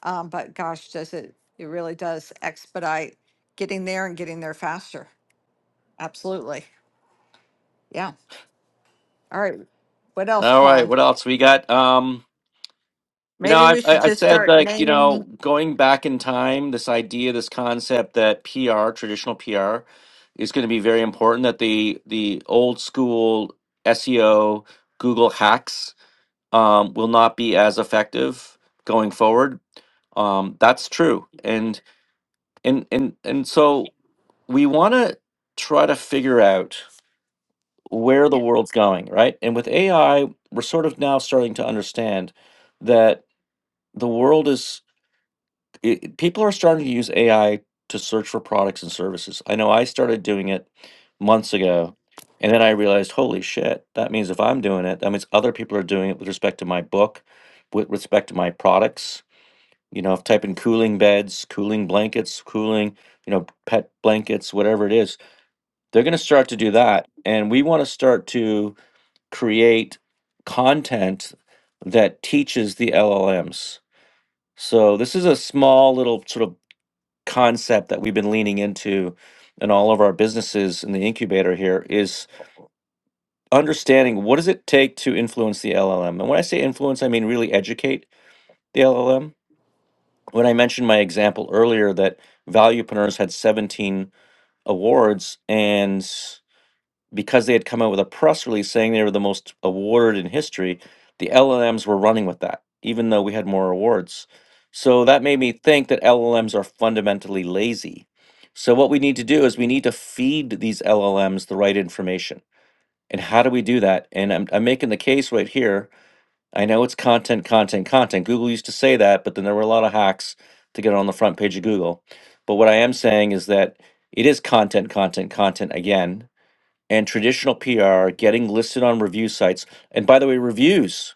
Speaker 2: Um, but gosh, does it, it really does expedite getting there and getting there faster. Absolutely. Yeah. All right. What else,
Speaker 1: All right.
Speaker 2: Colin?
Speaker 1: What else we got? Um, You know,
Speaker 2: Maybe we
Speaker 1: I've, I-
Speaker 2: should
Speaker 1: I've
Speaker 2: just
Speaker 1: said
Speaker 2: start
Speaker 1: like, you
Speaker 2: naming.
Speaker 1: know, going back in time, this idea, this concept that PR, traditional PR, is going to be very important. That the the old school SEO, Google hacks, um, will not be as effective going forward. Um, that's true, and and and and so we want to try to figure out where the world's going, right? And with AI, we're sort of now starting to understand that the world is it, people are starting to use AI to search for products and services. I know I started doing it months ago, and then I realized, holy shit, that means if I'm doing it, that means other people are doing it with respect to my book, with respect to my products. You know, if type in cooling beds, cooling blankets, cooling, you know, pet blankets, whatever it is, they're going to start to do that. And we want to start to create content that teaches the LLMs. So this is a small little sort of concept that we've been leaning into in all of our businesses in the incubator here is understanding what does it take to influence the LLM. And when I say influence, I mean really educate the LLM. When I mentioned my example earlier that Valuepreneurs had 17 awards and because they had come out with a press release saying they were the most awarded in history, the LLMs were running with that, even though we had more awards. So that made me think that LLMs are fundamentally lazy. So what we need to do is we need to feed these LLMs the right information. And how do we do that? And I'm, I'm making the case right here. I know it's content, content, content. Google used to say that, but then there were a lot of hacks to get on the front page of Google. But what I am saying is that it is content, content, content again and traditional PR, getting listed on review sites. And by the way, reviews,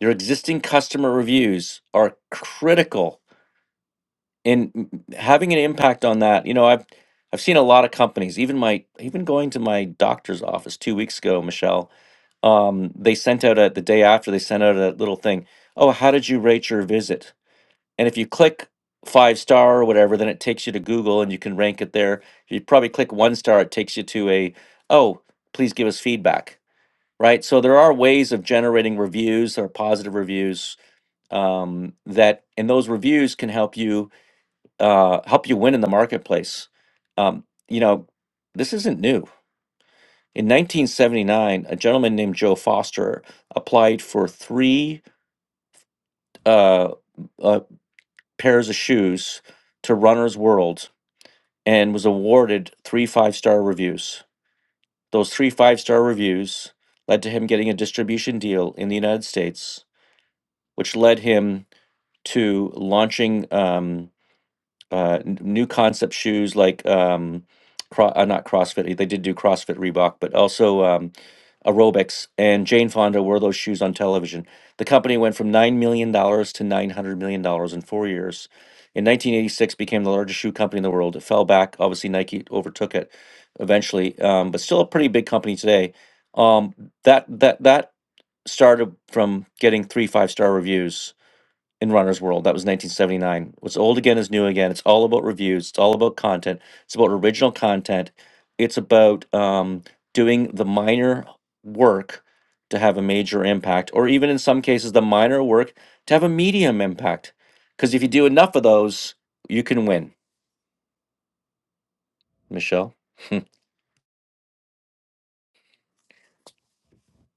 Speaker 1: your existing customer reviews are critical in m- having an impact on that. You know, I've I've seen a lot of companies, even my even going to my doctor's office two weeks ago, Michelle. Um, they sent out a the day after they sent out a little thing. Oh, how did you rate your visit? And if you click five star or whatever, then it takes you to Google and you can rank it there. If you probably click one star, it takes you to a oh, please give us feedback right? So there are ways of generating reviews or positive reviews um, that, and those reviews can help you uh, help you win in the marketplace. Um, you know, this isn't new. In 1979, a gentleman named Joe Foster applied for three uh, uh, pairs of shoes to Runner's World and was awarded three five star reviews. Those three five star reviews led to him getting a distribution deal in the United States, which led him to launching um, uh, n- new concept shoes like um, cro- uh, not CrossFit. They did do CrossFit Reebok, but also um, aerobics. And Jane Fonda wore those shoes on television. The company went from nine million dollars to nine hundred million dollars in four years. In 1986, became the largest shoe company in the world. It fell back. Obviously, Nike overtook it eventually, um, but still a pretty big company today. Um, that that that started from getting three five star reviews in Runner's World. That was 1979. What's old again is new again. It's all about reviews. It's all about content. It's about original content. It's about um, doing the minor work to have a major impact, or even in some cases, the minor work to have a medium impact. Because if you do enough of those, you can win, Michelle.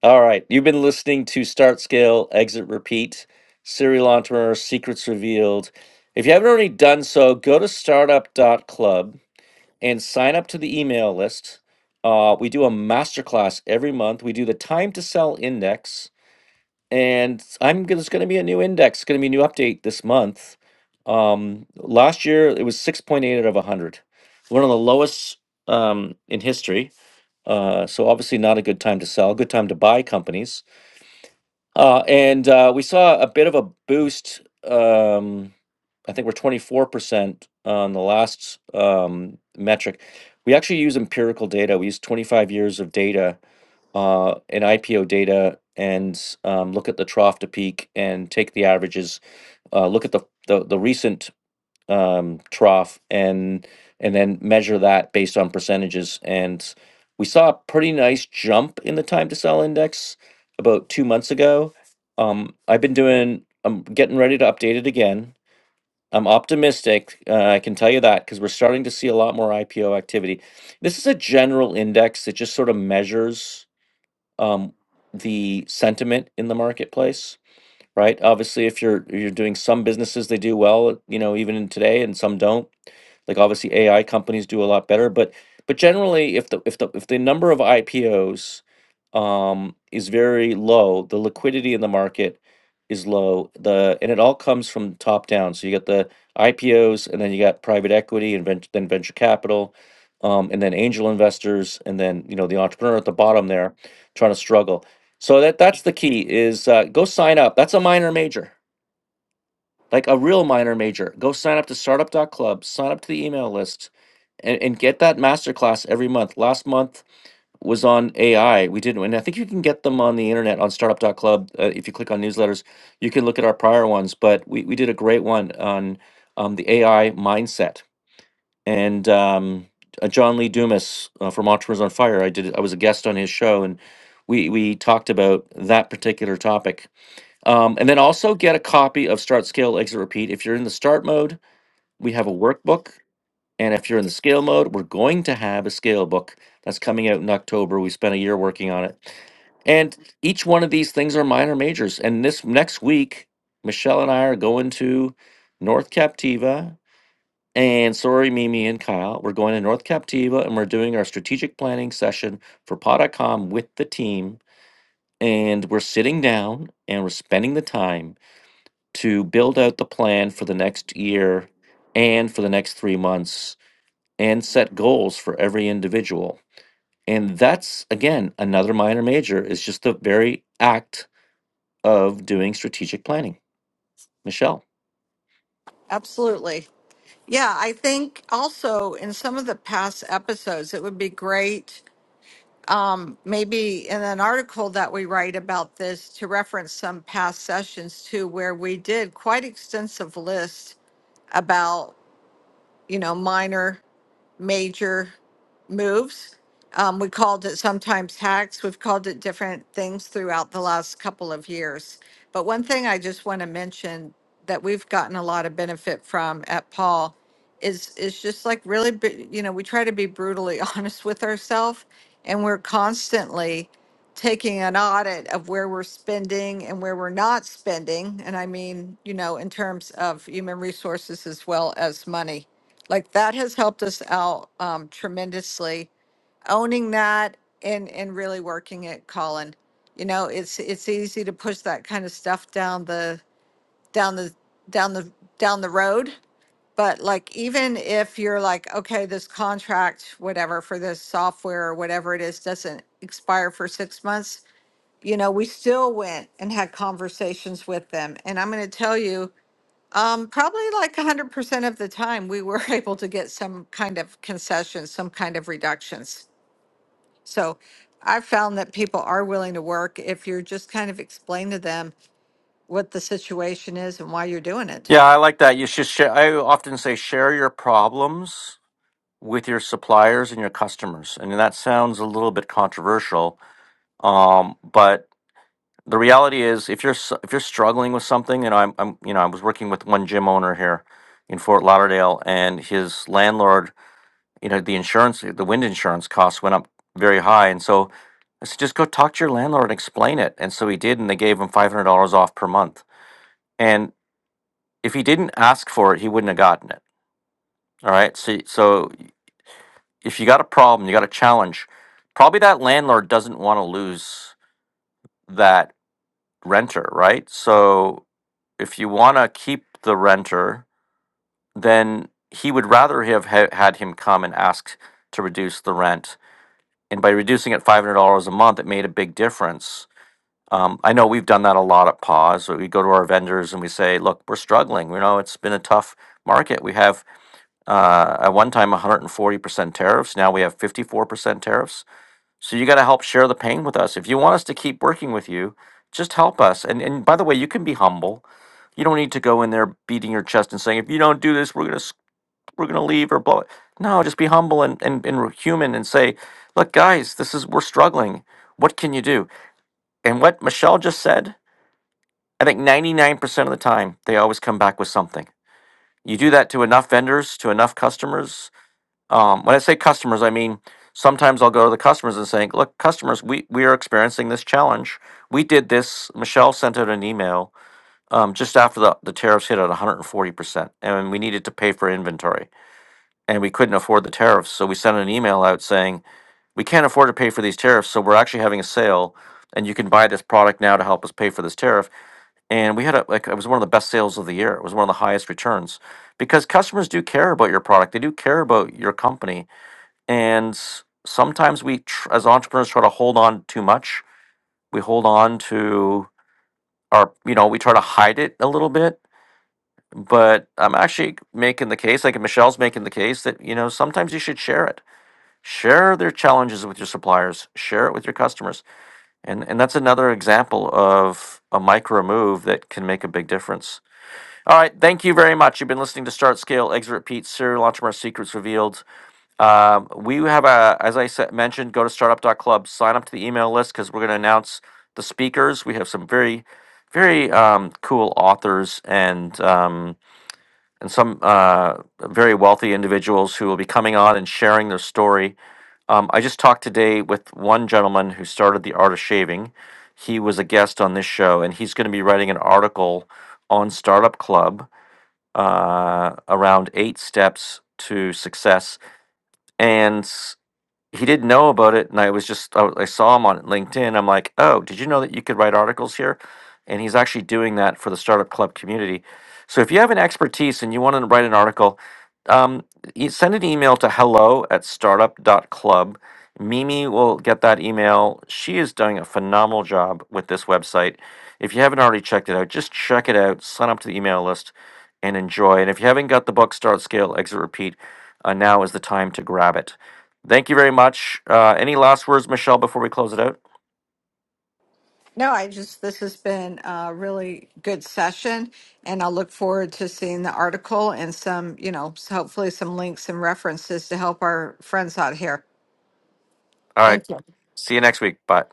Speaker 1: all right. You've been listening to Start Scale, Exit Repeat, Serial Entrepreneur Secrets Revealed. If you haven't already done so, go to Startup dot Club. and sign up to the email list. Uh, we do a masterclass every month. We do the time to sell index, and i am I'm gonna, there's going to be a new index, going to be a new update this month. Um, last year it was 6.8 out of a hundred, one of the lowest um, in history. Uh, so obviously not a good time to sell. Good time to buy companies uh, and uh, we saw a bit of a boost. Um, I think we're 24% on the last um, metric. We actually use empirical data. We use 25 years of data uh, and IPO data and um, look at the trough to peak and take the averages, uh, look at the, the, the recent um, trough and and then measure that based on percentages. And we saw a pretty nice jump in the time to sell index about two months ago. Um, I've been doing. I'm getting ready to update it again. I'm optimistic. Uh, I can tell you that because we're starting to see a lot more IPO activity. This is a general index that just sort of measures um, the sentiment in the marketplace right? Obviously, if you're you're doing some businesses, they do well, you know, even in today, and some don't. Like obviously, AI companies do a lot better, but but generally, if the if the if the number of IPOs um, is very low, the liquidity in the market is low. The and it all comes from top down. So you got the IPOs, and then you got private equity, and vent- then venture capital, um, and then angel investors, and then you know the entrepreneur at the bottom there trying to struggle so that that's the key is uh, go sign up. That's a minor major, like a real minor major. Go sign up to startup dot club. sign up to the email list, and, and get that masterclass every month. Last month was on AI. We did, and I think you can get them on the internet on startup startup.club. Uh, if you click on newsletters, you can look at our prior ones, but we, we did a great one on um, the AI mindset. And um, uh, John Lee Dumas uh, from Entrepreneurs on Fire, I did, I was a guest on his show and we, we talked about that particular topic um, and then also get a copy of Start, Scale, Exit, Repeat. If you're in the start mode, we have a workbook. And if you're in the scale mode, we're going to have a scale book that's coming out in October. We spent a year working on it. And each one of these things are minor majors. And this next week, Michelle and I are going to North Captiva. And sorry, Mimi and Kyle, we're going to North Captiva and we're doing our strategic planning session for Pod.com with the team. And we're sitting down and we're spending the time to build out the plan for the next year and for the next three months and set goals for every individual. And that's, again, another minor major is just the very act of doing strategic planning. Michelle.
Speaker 2: Absolutely. Yeah, I think also in some of the past episodes, it would be great, um, maybe in an article that we write about this, to reference some past sessions too, where we did quite extensive list about you know minor major moves. Um, we called it sometimes hacks. We've called it different things throughout the last couple of years. But one thing I just want to mention that we've gotten a lot of benefit from at Paul is is just like really, be, you know, we try to be brutally honest with ourselves, and we're constantly taking an audit of where we're spending and where we're not spending. And I mean, you know, in terms of human resources as well as money like that has helped us out um, tremendously owning that and and really working it colin you know it's it's easy to push that kind of stuff down the down the down the down the road but like even if you're like okay this contract whatever for this software or whatever it is doesn't expire for six months you know we still went and had conversations with them and i'm going to tell you um, probably like one hundred percent of the time, we were able to get some kind of concessions, some kind of reductions. So I've found that people are willing to work if you're just kind of explain to them what the situation is and why you're doing it.
Speaker 1: Yeah, I like that. You should share. I often say share your problems with your suppliers and your customers. And that sounds a little bit controversial, um, but the reality is if you're s- if you're struggling with something you know I'm, I'm you know i was working with one gym owner here in fort lauderdale and his landlord you know the insurance the wind insurance costs went up very high and so i said just go talk to your landlord and explain it and so he did and they gave him $500 off per month and if he didn't ask for it he wouldn't have gotten it all right so so if you got a problem you got a challenge probably that landlord doesn't want to lose that renter right so if you want to keep the renter, then he would rather have ha- had him come and ask to reduce the rent. And by reducing it $500 a month, it made a big difference. Um, I know we've done that a lot at Pause. We go to our vendors and we say, look, we're struggling. You know, it's been a tough market. We have uh, at one time 140% tariffs. Now we have 54% tariffs. So you got to help share the pain with us. If you want us to keep working with you, just help us. And and by the way, you can be humble. You don't need to go in there beating your chest and saying, if you don't do this, we're gonna s- we're gonna leave or blow it. No, just be humble and and, and we're human and say, look, guys, this is we're struggling. What can you do? And what Michelle just said, I think 99% of the time they always come back with something. You do that to enough vendors, to enough customers, um, when I say customers, I mean sometimes I'll go to the customers and saying, "Look, customers, we we are experiencing this challenge. We did this. Michelle sent out an email um, just after the the tariffs hit at 140 percent, and we needed to pay for inventory, and we couldn't afford the tariffs, so we sent an email out saying we can't afford to pay for these tariffs, so we're actually having a sale." And you can buy this product now to help us pay for this tariff. And we had a, like, it was one of the best sales of the year. It was one of the highest returns because customers do care about your product. They do care about your company and s- sometimes we tr- as entrepreneurs try to hold on too much we hold on to our you know we try to hide it a little bit but i'm actually making the case like michelle's making the case that you know sometimes you should share it share their challenges with your suppliers share it with your customers and and that's another example of a micro move that can make a big difference all right thank you very much you've been listening to start scale exit repeat serial entrepreneur secrets revealed Um, we have a, as I said, mentioned, go to startup.club, sign up to the email list because we're going to announce the speakers. We have some very, very um, cool authors and um, and some uh, very wealthy individuals who will be coming on and sharing their story. Um, I just talked today with one gentleman who started the art of shaving. He was a guest on this show, and he's going to be writing an article on Startup Club uh, around eight steps to success and he didn't know about it, and I was just I, I saw him on LinkedIn. I'm like, oh, did you know that you could write articles here? And he's actually doing that for the startup club community. So if you have an expertise and you want to write an article, um, e- send an email to hello at startup.club. Mimi will get that email. She is doing a phenomenal job with this website. If you haven't already checked it out, just check it out, sign up to the email list, and enjoy. And if you haven't got the book Start Scale Exit Repeat, uh, now is the time to grab it. Thank you very much. Uh, any last words, Michelle, before we close it out?
Speaker 2: No, I just, this has been a really good session and I'll look forward to seeing the article and some, you know, s- hopefully some links and references to help our friends out here.
Speaker 1: All right.
Speaker 2: Thank you.
Speaker 1: See you next week. Bye.